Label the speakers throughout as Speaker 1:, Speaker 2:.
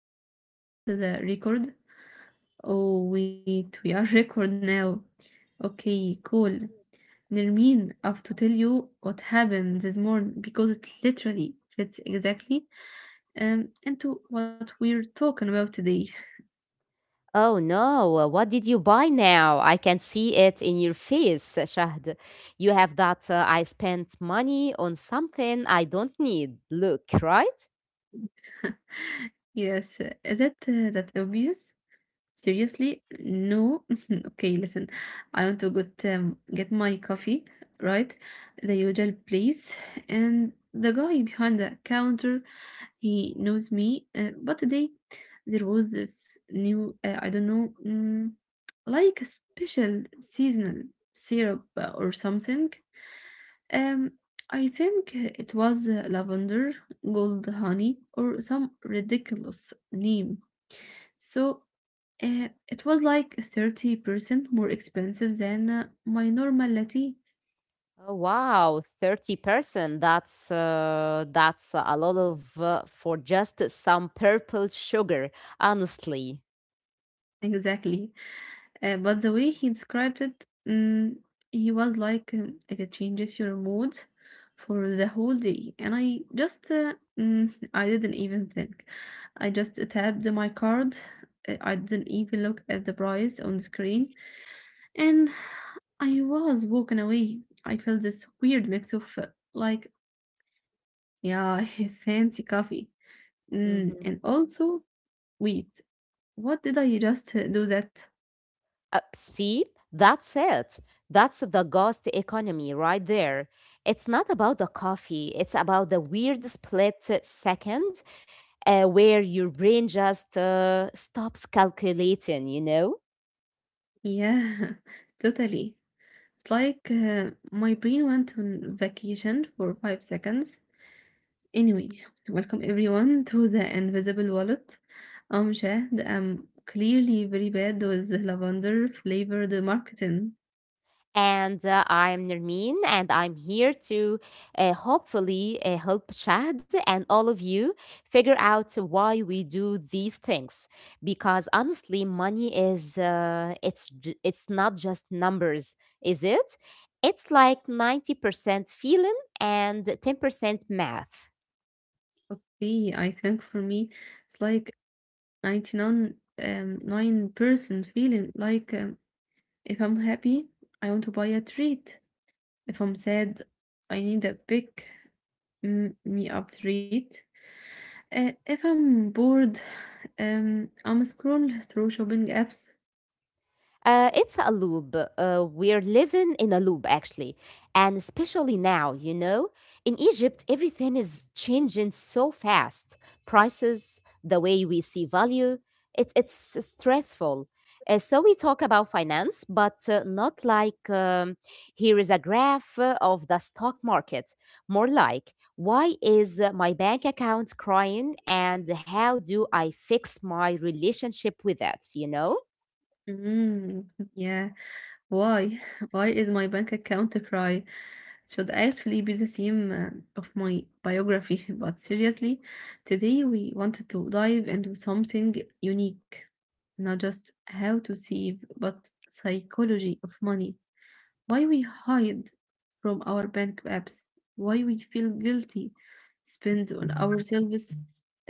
Speaker 1: before we even start the record. Oh, wait, we are record now. Okay, cool. Nermin, I have to tell you what happened this morning because it literally fits exactly into what we're talking about today.
Speaker 2: Oh no, what did you buy now? I can see it in your face, Shahd. You have that I spent money on something I don't need. Look, right?
Speaker 1: Yes, is it that obvious? Seriously? No. Okay, listen. I want to get my coffee, right? The usual place. And the guy behind the counter, he knows me. But today there was this new, I don't know, like a special seasonal syrup or something. Um, I think it was lavender, gold honey, or some ridiculous name. So it was like 30% more expensive than my normal latte.
Speaker 2: Oh, wow, 30%. That's a lot of for just some purple sugar, honestly.
Speaker 1: Exactly. But the way he described it, he was like it changes your mood for the whole day. And I just, I didn't even think. I just tapped my card. I didn't even look at the price on the screen. And I was walking away. I felt this weird mix of like, yeah, fancy coffee.
Speaker 2: Mm-hmm.
Speaker 1: And also, wait, what did I just do that?
Speaker 2: See, that's it. That's the ghost economy right there. It's not about the coffee, it's about the weird split seconds where your brain just stops calculating, you know?
Speaker 1: Yeah, totally. It's like my brain went on vacation for 5 seconds. Anyway, welcome everyone to the Invisible Wallet. I'm Shahd. I'm clearly very bad with the lavender flavored marketing.
Speaker 2: And I'm Nermeen, and I'm here to hopefully help Shad and all of you figure out why we do these things. Because honestly, money is it's not just numbers, is it? It's like 90% feeling and 10% math.
Speaker 1: Okay, I think for me, it's like 99 9% feeling like if I'm happy, I want to buy a treat. If I'm sad, I need a me up treat. If I'm bored, I'm scroll through shopping apps.
Speaker 2: It's a loop. We're living in a loop, actually. And especially now, you know, in Egypt, everything is changing so fast. Prices, the way we see value, it's stressful. So we talk about finance, but not like here is a graph of the stock market. More like, why is my bank account crying and how do I fix my relationship with it, you know?
Speaker 1: Mm, yeah. Why? Why is my bank account a cry? Should actually be the theme of my biography. But seriously, today we wanted to dive into something unique, not just how to save, but psychology of money. Why we hide from our bank apps, why we feel guilty, spend on ourselves,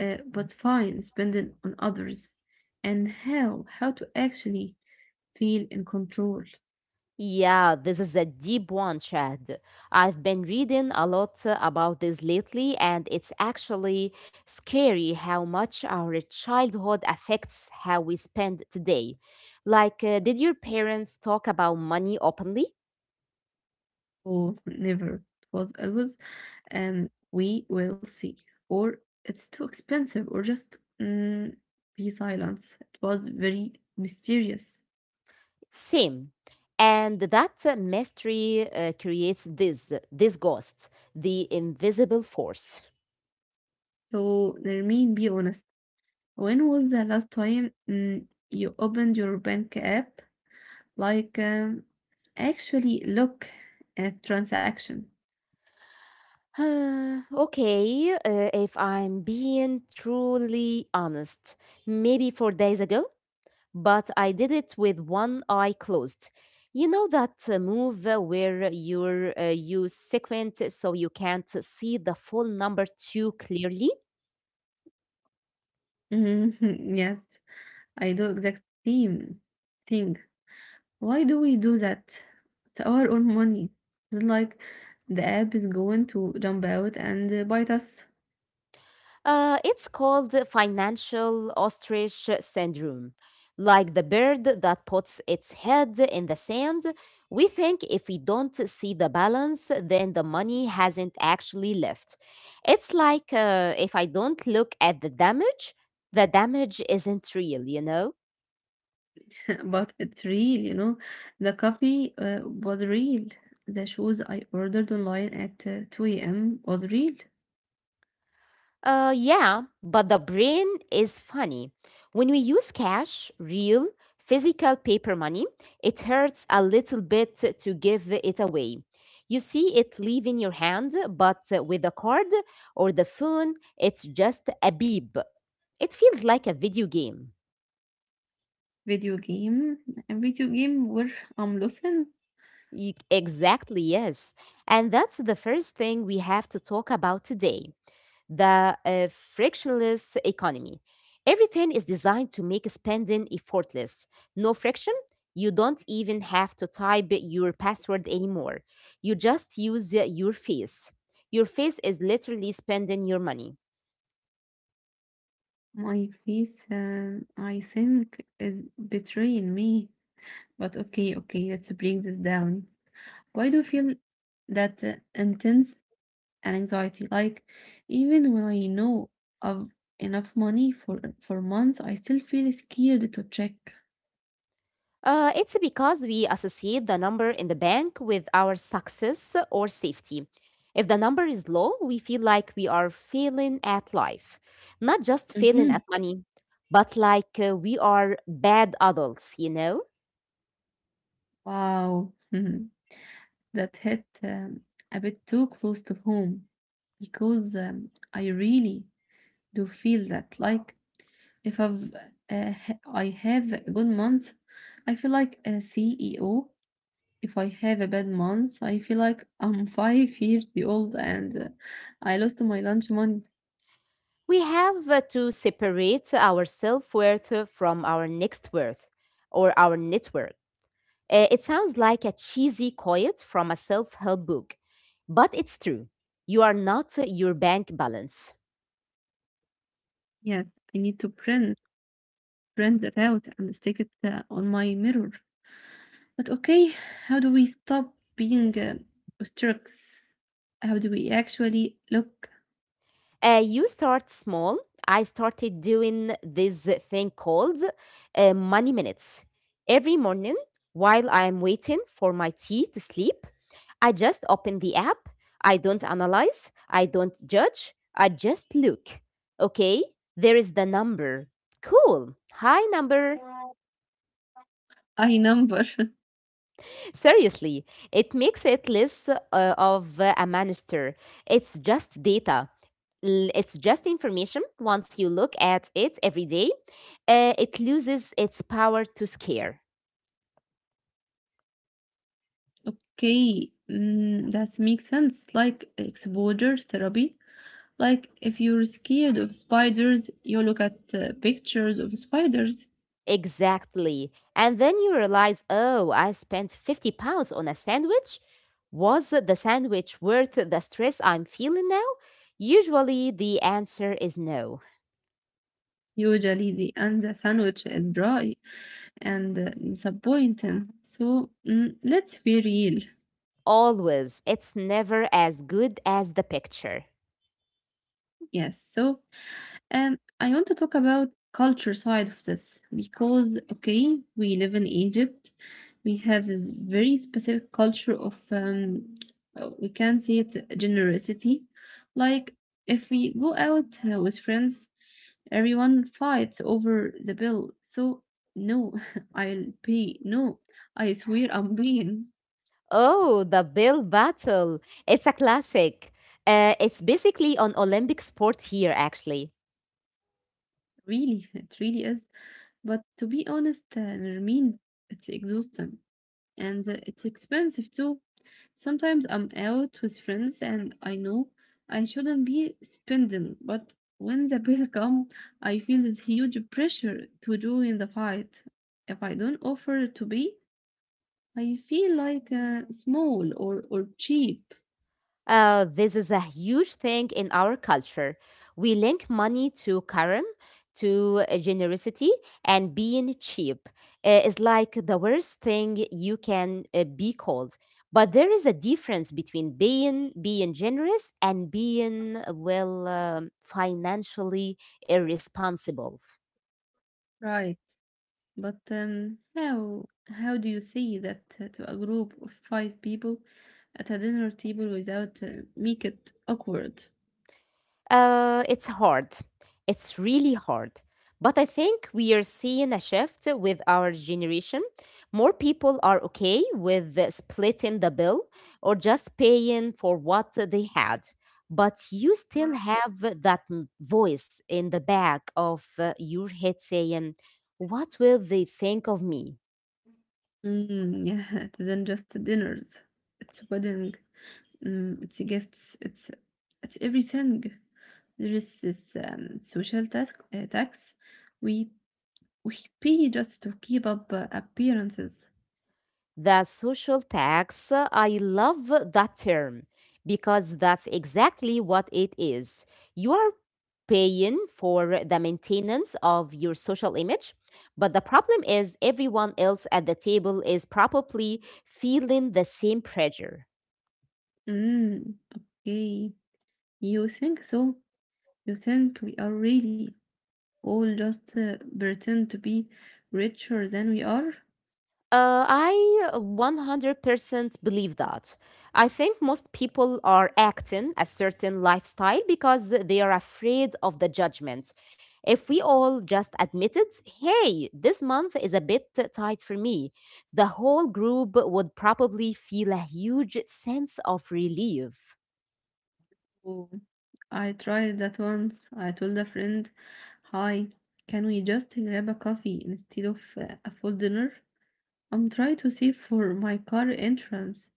Speaker 1: but fine, spend it on others, and how to actually feel in control.
Speaker 2: Yeah, this is a deep one, Chad. I've been reading a lot about this lately, and it's actually scary how much our childhood affects how we spend today. Like, did your parents talk about money openly?
Speaker 1: Oh, never. It was always, and we will see. Or it's too expensive, or just mm, be silent. It was very mysterious.
Speaker 2: Same. And that mystery creates this ghost, the invisible force.
Speaker 1: So, Nermeen, be honest. When was the last time you opened your bank app? Like, actually look at transaction.
Speaker 2: Okay, if I'm being truly honest, maybe 4 days ago, but I did it with one eye closed. You know that move where you sequent so you can't see the full number too clearly?
Speaker 1: Mhm. Yes, I do exact same thing. Why do we do that? It's our own money. It's like the app is going to jump out and bite us.
Speaker 2: It's called financial ostrich syndrome. Like the bird that puts its head in the sand, we think if we don't see the balance, then the money hasn't actually left. It's like if I don't look at the damage isn't real, you know?
Speaker 1: But it's real. The coffee was real. The shoes I ordered online at 2 a.m. was real.
Speaker 2: Yeah, but the brain is funny. When we use cash, real, physical paper money, it hurts a little bit to give it away. You see it leave in your hand, but with a card or the phone, it's just a beep. It feels like a video game.
Speaker 1: Video game, a video game where I'm losing.
Speaker 2: Exactly, yes. And that's the first thing we have to talk about today the frictionless economy. Everything is designed to make spending effortless. No friction. You don't even have to type your password anymore. You just use your face. Your face is literally spending your money.
Speaker 1: My face, I think, is betraying me. But okay, okay, let's bring this down. Why do you feel that intense and anxiety? Like even when I know of enough money for months, I still feel scared to check.
Speaker 2: It's because we associate the number in the bank with our success or safety. If the number is low, we feel like we are failing at life, not just failing
Speaker 1: Hmm.
Speaker 2: at money, but like we are bad adults, you know?
Speaker 1: Wow, that hit a bit too close to home because I really do feel that. Like if I have a good month, I feel like a CEO. If I have a bad month, I feel like I'm 5 years old and I lost my lunch money.
Speaker 2: We have to separate our self worth from our next worth or our network. It sounds like a cheesy quote from a self help book, but it's true. You are not your bank balance.
Speaker 1: Yes, I need to print that out and stick it on my mirror. But okay, how do we stop being obstructs? How do we actually look?
Speaker 2: You start small. I started doing this thing called money minutes. Every morning, while I'm waiting for my tea to sleep, I just open the app. I don't analyze. I don't judge. I just look. Okay, there is the number. Cool. Hi, number.
Speaker 1: I number.
Speaker 2: Seriously, it makes it less of a monster. It's just data. It's just information. Once you look at it every day, it loses its power to scare.
Speaker 1: Okay, that makes sense. Like exposure therapy. Like if you're scared of spiders, you look at pictures of spiders.
Speaker 2: Exactly. And then you realize, oh, I spent 50 pounds on a sandwich. Was the sandwich worth the stress I'm feeling now? Usually the answer is no.
Speaker 1: Usually the sandwich is dry and disappointing. So let's be real.
Speaker 2: Always. It's never as good as the picture.
Speaker 1: Yes. So I want to talk about culture side of this because okay, we live in Egypt. We have this very specific culture of we can say it generosity. Like if we go out with friends. Everyone fights over the bill. So, no, I'll pay. No, I swear I'm paying.
Speaker 2: Oh, the Bill Battle. It's a classic. It's basically an Olympic sport here, actually.
Speaker 1: Really, it really is. But to be honest, Nermeen, it's exhausting and it's expensive too. Sometimes I'm out with friends and I know I shouldn't be spending, but when the bill comes, I feel this huge pressure to join the fight. If I don't offer to pay, I feel like small or cheap.
Speaker 2: This is a huge thing in our culture. We link money to karam, to generosity, and being cheap. It's like the worst thing you can be called. But there is a difference between being generous and being well financially irresponsible.
Speaker 1: Right. But how do you say that to a group of five people at a dinner table without make it awkward?
Speaker 2: It's hard. It's really hard. But I think we are seeing a shift with our generation. More people are okay with splitting the bill or just paying for what they had. But you still have that voice in the back of your head saying, what will they think of me?
Speaker 1: Mm, yeah, it isn't just dinners. It's wedding. It's a gifts. It's everything. There is this social task tax. We we pay just to keep up appearances.
Speaker 2: The social tax, I love that term because that's exactly what it is. You are paying for the maintenance of your social image, but the problem is everyone else at the table is probably feeling the same pressure.
Speaker 1: Mm, okay, you think so? You think we are really all just pretend to be richer than we are?
Speaker 2: I 100% believe that. I think most people are acting a certain lifestyle because they are afraid of the judgment. If we all just admitted, hey, this month is a bit tight for me, the whole group would probably feel a huge sense of relief.
Speaker 1: Oh, I tried that once. I told a friend, Hi, can we just grab a coffee instead of a full dinner? I'm trying to save for my car entrance.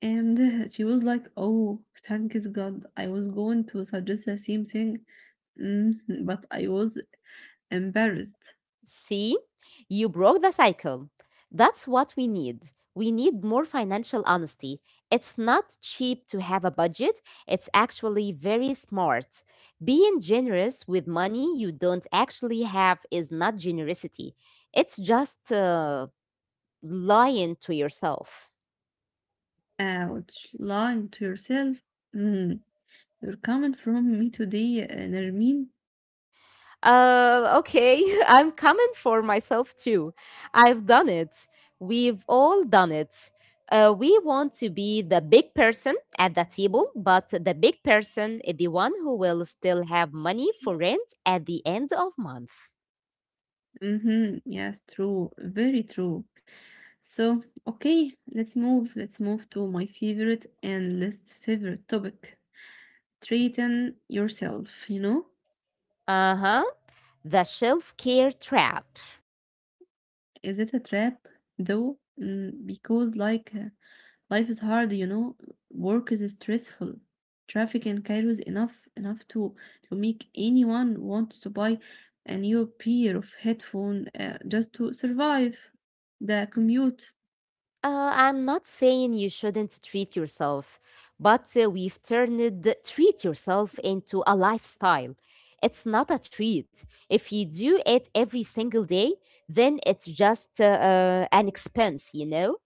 Speaker 1: And she was like, "Oh, thanks God. I was going to suggest the same thing, mm, but I was embarrassed."
Speaker 2: See, you broke the cycle. That's what we need. We need more financial honesty. It's not cheap to have a budget, it's actually very smart. Being generous with money you don't actually have is not generosity, it's just lying to yourself.
Speaker 1: Ouch, lying to yourself. Mm, you're coming from me today, Nermin.
Speaker 2: Okay, I'm coming for myself too. I've done it. We've all done it. We want to be the big person at the table, but the big person is the one who will still have money for rent at the end of month.
Speaker 1: Mm-hmm. Yes, true. Very true. So, okay, let's move. Let's move to my favorite and least favorite topic. Treating yourself, you know?
Speaker 2: Uh huh. The shelf care trap.
Speaker 1: Is it a trap though? Because like life is hard. Work is stressful. Traffic in Cairo is enough to make anyone want to buy a new pair of headphone just to survive the commute.
Speaker 2: I'm not saying you shouldn't treat yourself, but we've turned treat yourself into a lifestyle. It's not a treat. If you do it every single day, then it's just an expense, you know?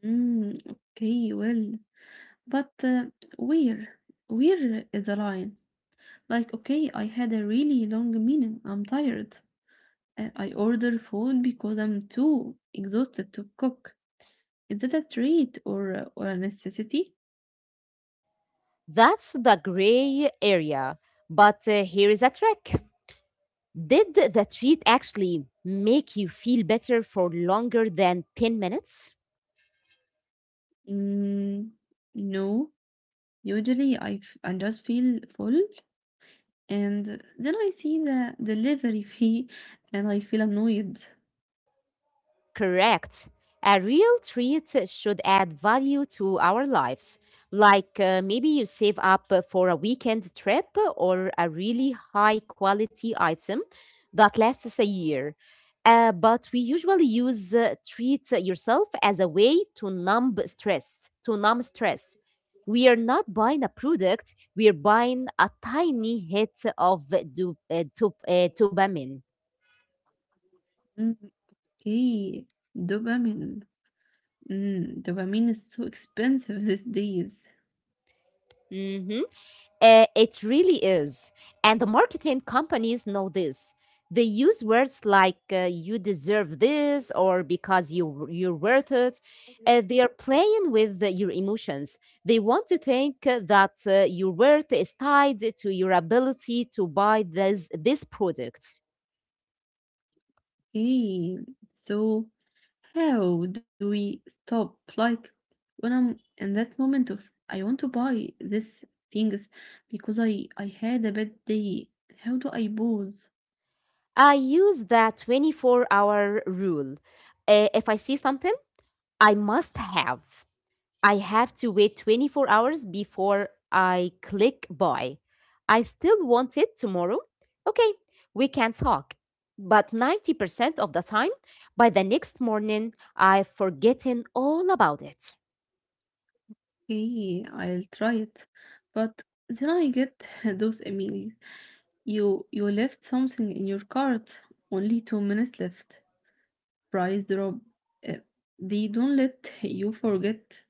Speaker 1: Mm, okay, well, but where where is the line? Like, okay, I had a really long meeting. I'm tired. I order food because I'm too exhausted to cook. Is that a treat or a necessity?
Speaker 2: That's the gray area. But here is a trick. Did the treat actually make you feel better for longer than 10 minutes?
Speaker 1: Mm, no, usually I just feel full, and then I see the delivery fee and I feel annoyed.
Speaker 2: Correct. A real treat should add value to our lives. Like maybe you save up for a weekend trip or a really high quality item that lasts a year. But we usually use treat yourself as a way to numb stress, to numb stress. We are not buying a product, we are buying a tiny hit of dopamine.
Speaker 1: Mm, okay, dopamine. Dopamine is so expensive these days.
Speaker 2: Mm-hmm. It really is. And the marketing companies know this. They use words like you deserve this or because you're worth it. They are playing with your emotions. They want to think that your worth is tied to your ability to buy this product.
Speaker 1: Okay, so how do we stop? Like when I'm in that moment of I want to buy this things because I had a bad day. How do I pause?
Speaker 2: I use the 24-hour rule. If I see something, I must have. I have to wait 24 hours before I click buy. I still want it tomorrow. Okay, we can talk. But 90% of the time, by the next morning, I've forgotten all about it.
Speaker 1: Okay, I'll try it. But then I get those emails. You left something in your cart. Only 2 minutes left. Price drop. Uh, They don't let you forget.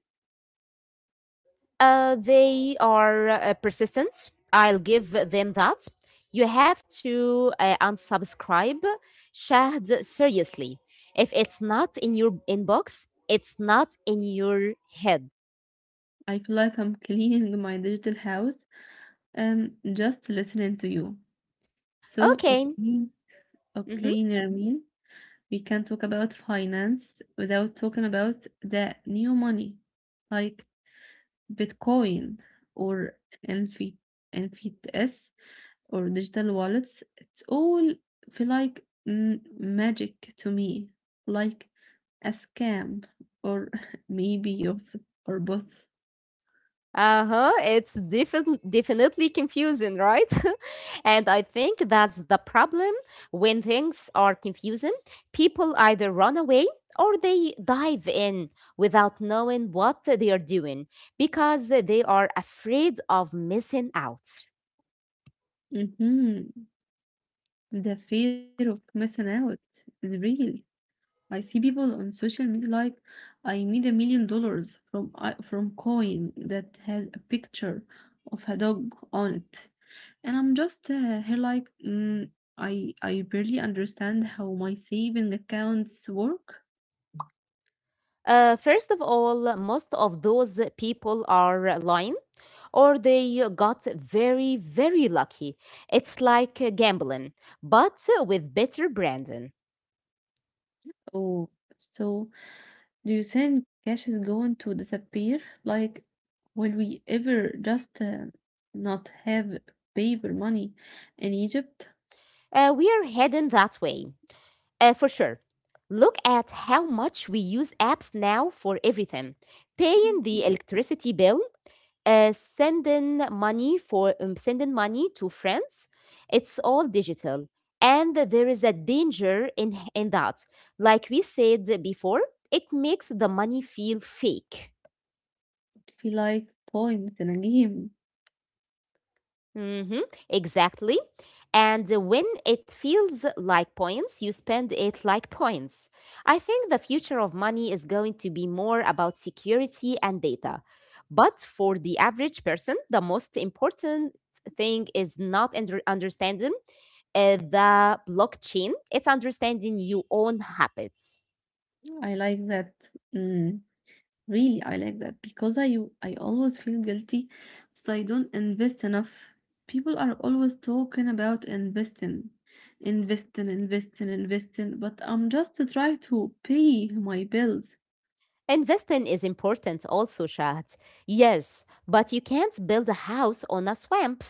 Speaker 2: They are persistent. I'll give them that. You have to unsubscribe Shahd seriously. If it's not in your inbox, it's not in your head.
Speaker 1: I feel like I'm cleaning my digital house. Just listening to you. So
Speaker 2: Okay.
Speaker 1: okay,
Speaker 2: Mhm.
Speaker 1: okay, Nermin, we can talk about finance without talking about the new money. Like Bitcoin or NFT, NFTs or digital wallets, it's all feel like magic to me, like a scam or maybe youth or both.
Speaker 2: Uh-huh. It's definitely confusing, right? And I think that's the problem. When things are confusing, people either run away or they dive in without knowing what they are doing because they are afraid of missing out.
Speaker 1: Hmm. The fear of missing out is real. I see people on social media like I made $1 million from I from coin that has a picture of a dog on it, and I'm just here like I barely understand how my saving accounts work.
Speaker 2: First of all, most of those people are lying or they got very, very lucky. It's like gambling, but with better branding.
Speaker 1: Oh, so do you think cash is going to disappear? Like, will we ever just not have paper money in Egypt?
Speaker 2: We are heading that way, for sure. Look at how much we use apps now for everything: paying the electricity bill, sending money to friends. It's all digital, and there is a danger in that. Like we said before, it makes the money feel fake.
Speaker 1: Feel like points in a game.
Speaker 2: Mm-hmm, exactly. And when it feels like points, you spend it like points. I think the future of money is going to be more about security and data. But for the average person, the most important thing is not understanding the blockchain, it's understanding your own habits.
Speaker 1: I like that. Mm, Really, I like that because I always feel guilty that I don't invest enough. People are always talking about investing, investing, investing, investing, but I'm just trying to pay my bills.
Speaker 2: Investing is important also, Shahd. Yes, but you can't build a house on a swamp.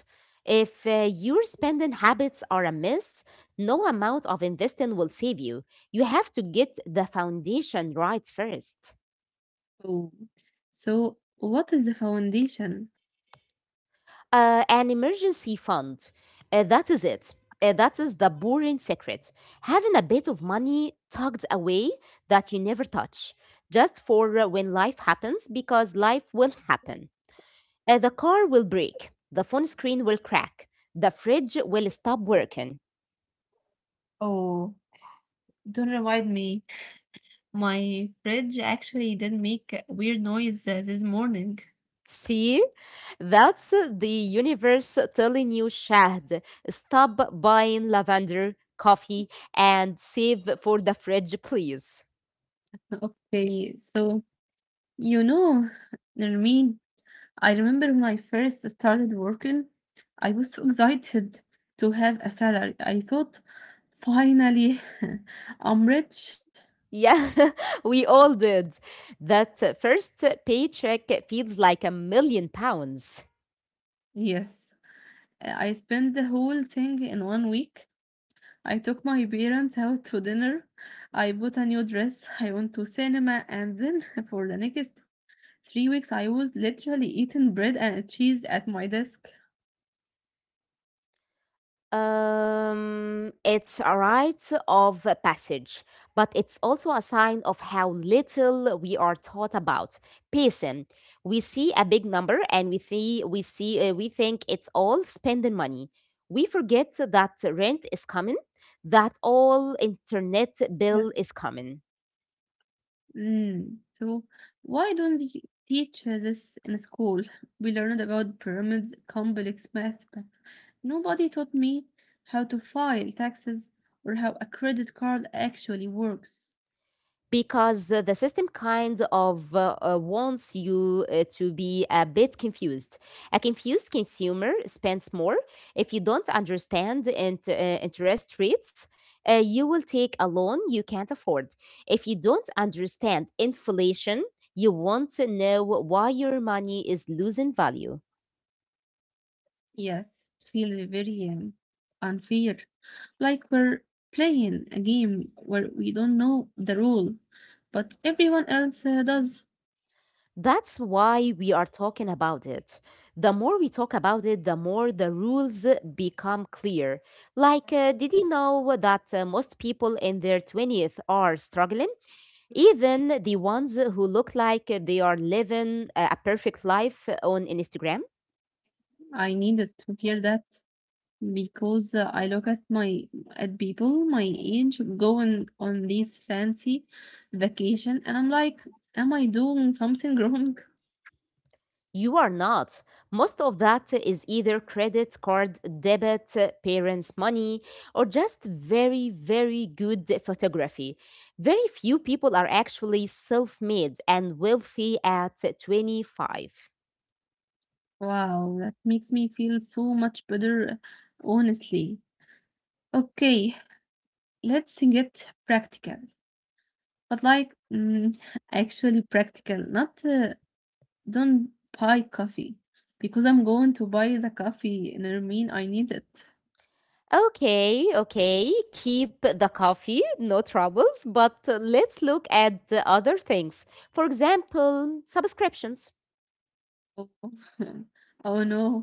Speaker 2: If your spending habits are amiss, no amount of investing will save you. You have to get the foundation right first.
Speaker 1: Oh, so what is the foundation?
Speaker 2: An emergency fund. That is it. That is the boring secret. Having a bit of money tucked away that you never touch, just for when life happens, because life will happen. The car will break, the phone screen will crack, the fridge will stop working.
Speaker 1: Oh, don't remind me. My fridge actually did make a weird noise this morning.
Speaker 2: See? That's the universe telling you, Shahd, stop buying lavender coffee and save for the fridge, please.
Speaker 1: Okay, so you know, Nermeen, I remember when I first started working, I was so excited to have a salary. I thought, finally, I'm rich.
Speaker 2: Yeah, we all did. That first paycheck feels like a million pounds.
Speaker 1: Yes. I spent the whole thing in one week. I took my parents out to dinner. I bought a new dress. I went to cinema. And then for the next 3 weeks, I was literally eating bread and cheese at my desk.
Speaker 2: It's a rite of passage, but it's also a sign of how little we are taught about pacing. We see a big number and we think it's all spending money. We forget that rent is coming, that all internet bill is coming.
Speaker 1: Mm. So why don't they teach this in school? We learned about pyramids, complex math, but nobody taught me how to file taxes or how a credit card actually works.
Speaker 2: Because the system kind of wants you to be a bit confused. A confused consumer spends more. If you don't understand interest rates, you will take a loan you can't afford. If you don't understand inflation, you want to know why your money is losing value.
Speaker 1: Yes, it feels very unfair. Like we're playing a game where we don't know the rule, but everyone else does.
Speaker 2: That's why we are talking about it. The more we talk about it, the more the rules become clear. Like, did you know that most people in their 20s are struggling? Even the ones who look like they are living a perfect life on Instagram?
Speaker 1: I needed to hear that. Because I look at my at people my age going on these fancy vacation and I'm like, am I doing something wrong?
Speaker 2: You are not. Most of that is either credit card, debit, parents' money, or just very, very good photography. Very few people are actually self made and wealthy at 25.
Speaker 1: Wow, that makes me feel so much better, honestly. Okay, let's get practical, but like actually practical, not don't buy coffee because I'm going to buy the coffee and I mean I need it.
Speaker 2: Okay, okay, keep the coffee, no troubles, but let's look at the other things. For example, subscriptions.
Speaker 1: Oh, oh no.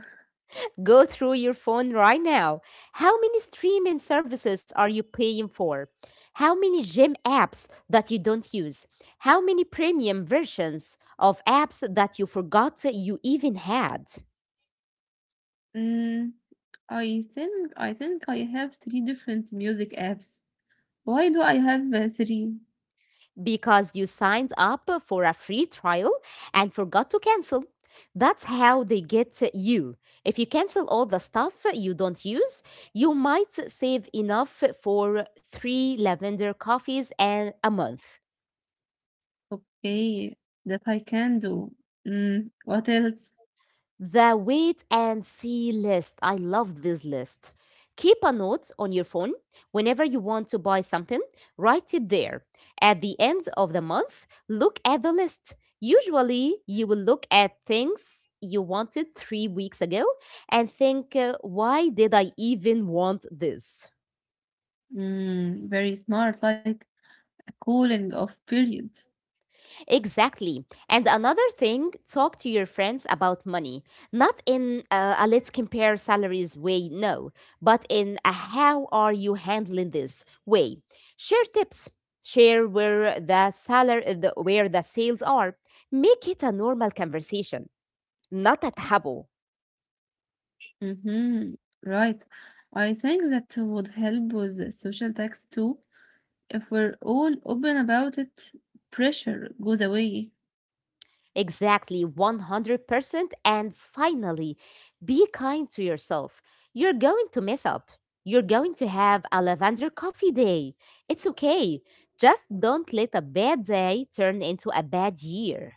Speaker 2: Go through your phone right now. How many streaming services are you paying for? How many gym apps that you don't use? How many premium versions of apps that you forgot you even had?
Speaker 1: Mm, I think I have three different music apps. Why do I have three?
Speaker 2: Because you signed up for a free trial and forgot to cancel. That's how they get you. If you cancel all the stuff you don't use, you might save enough for three lavender coffees and a month.
Speaker 1: Okay, that I can do. What else?
Speaker 2: The wait and see list. I love this list. Keep a note on your phone whenever you want to buy something, write it there. At the end of the month, look at the list. Usually, you will look at things you wanted 3 weeks ago and think, why did I even want this?
Speaker 1: Very smart, like a cooling off period.
Speaker 2: Exactly. And another thing, talk to your friends about money. Not in a let's compare salaries way, no, but in a how are you handling this way. Share tips. Share where the salary, the, where the sales are. Make it a normal conversation, not a taboo.
Speaker 1: Mhm. Right. I think that would help with the social tax too. If we're all open about it, pressure goes away.
Speaker 2: Exactly 100%. And finally, be kind to yourself. You're going to mess up. You're going to have a lavender coffee day. It's okay. Just don't let a bad day turn into a bad year.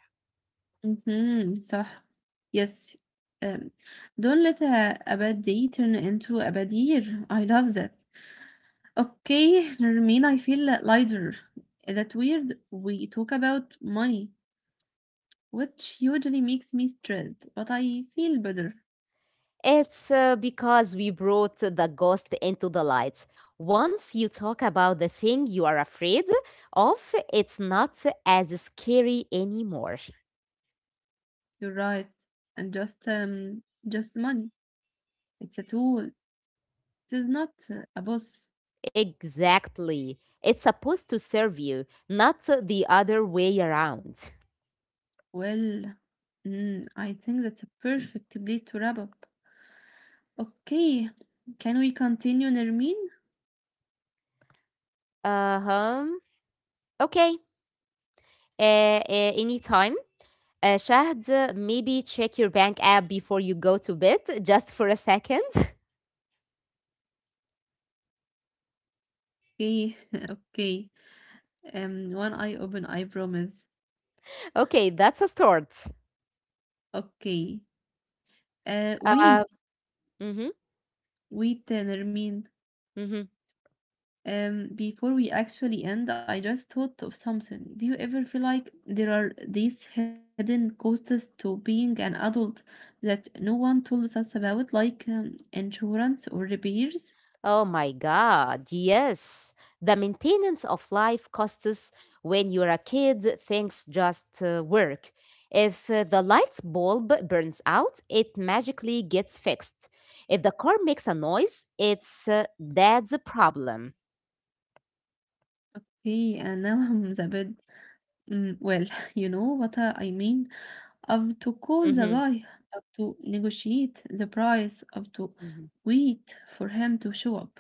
Speaker 1: Mhm. صح. Yes. Um, don't let a bad day turn into a bad year. I love that. Okay, Nermeen, I feel lighter. That weird we talk about money, which usually makes me stressed, but I feel better.
Speaker 2: It's because we brought the ghost into the light. Once you talk about the thing you are afraid of, it's not as scary anymore.
Speaker 1: You're right. And just money. It's a tool. It is not a boss.
Speaker 2: Exactly. It's supposed to serve you, not the other way around.
Speaker 1: Well, I think that's a perfect place to wrap up. Okay, can we continue, Nermin?
Speaker 2: Uh huh. Okay. Uh, anytime. Shahd, maybe check your bank app before you go to bed, just for a second.
Speaker 1: Okay, okay. One eye open, I promise.
Speaker 2: Okay, that's a start.
Speaker 1: Okay. Wait,
Speaker 2: Uh, mm-hmm,
Speaker 1: wait, Nermin.
Speaker 2: mm-hmm.
Speaker 1: Before we actually end, I just thought of something. Do you ever feel like there are these hidden costs to being an adult that no one tells us about, like insurance or repairs?
Speaker 2: Oh my God, yes. The maintenance of life costs when you're a kid, things just work. If the light bulb burns out, it magically gets fixed. If the car makes a noise, it's dad's problem.
Speaker 1: Okay, and now I'm a bit. Well, you know what I mean. Of to call the
Speaker 2: Hmm.
Speaker 1: guy, of to negotiate the price, of to wait for him to show up.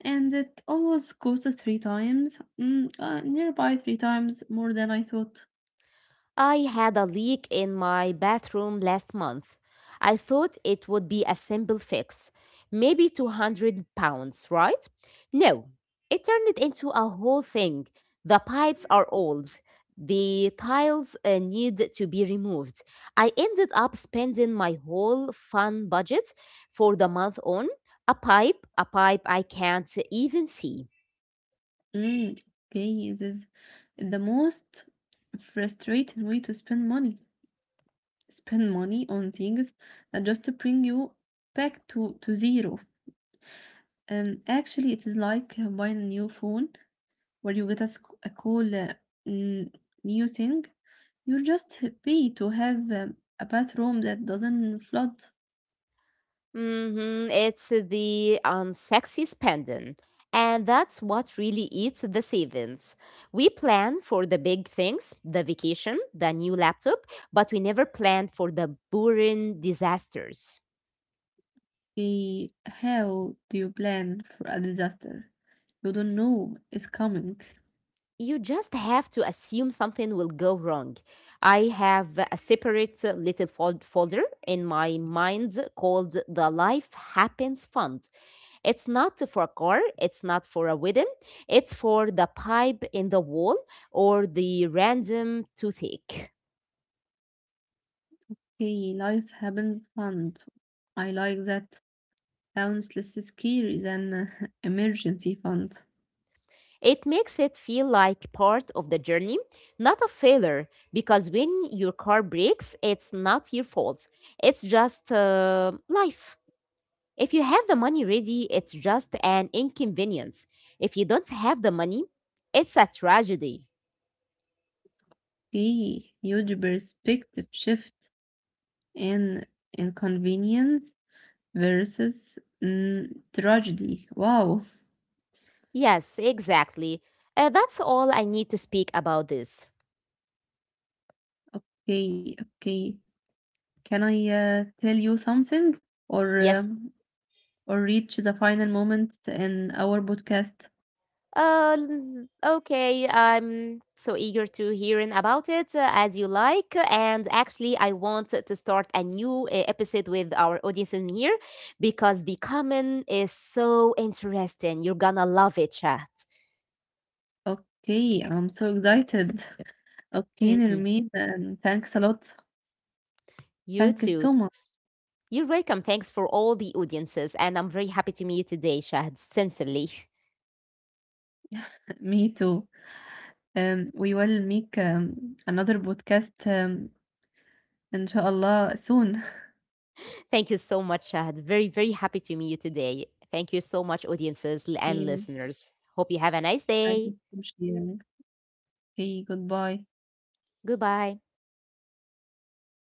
Speaker 1: And it always costs nearby three times more than I thought.
Speaker 2: I had a leak in my bathroom last month. I thought it would be a simple fix, maybe 200 pounds, right? No, it turned into a whole thing. The pipes are old. The tiles need to be removed. I ended up spending my whole fun budget for the month on a pipe I can't even see.
Speaker 1: Mm, okay, this is the most frustrating way to spend money. Spend money on things that just to bring you back to zero. And actually, it is like buying a new phone where you get a cool n- new thing, you're just happy to have a bathroom that doesn't flood.
Speaker 2: Mm-hmm. It's the unsexy spending. And that's what really eats the savings. We plan for the big things, the vacation, the new laptop, but we never plan for the boring disasters.
Speaker 1: Eh, how do you plan for a disaster? You don't know it's coming.
Speaker 2: You just have to assume something will go wrong. I have a separate little folder in my mind called the Life Happens Fund. It's not for a car, it's not for a wedding, it's for the pipe in the wall or the random toothache.
Speaker 1: Okay, life happens fund. I like that. Sounds less scary than emergency fund.
Speaker 2: It makes it feel like part of the journey, not a failure, because when your car breaks, it's not your fault. It's just life. If you have the money ready, it's just an inconvenience. If you don't have the money, it's a tragedy.
Speaker 1: See huge perspective shift in inconvenience versus mm, tragedy. Wow.
Speaker 2: Yes, exactly. That's all I need to speak about this.
Speaker 1: Okay, okay. Can I tell you something or
Speaker 2: Yes,
Speaker 1: um, or reach the final moment in our podcast?
Speaker 2: Okay, I'm so eager to hearing about it as you like. And actually, I want to start a new episode with our audience in here because the comment is so interesting. You're gonna love it, chat.
Speaker 1: Okay, I'm so excited. Okay,
Speaker 2: Mhm.
Speaker 1: Nirmeet, thanks a lot.
Speaker 2: You
Speaker 1: Thank you
Speaker 2: too.
Speaker 1: so much.
Speaker 2: You're welcome. Thanks for all the audiences. And I'm very happy to meet you today, Shahad. Sincerely.
Speaker 1: Me too. We will make another podcast inshallah soon.
Speaker 2: Thank you so much, Shahad. Very, very happy to meet you today. Thank you so much, audiences and listeners. Hope you have a nice day.
Speaker 1: I verstehe. Okay, Goodbye.
Speaker 2: Goodbye.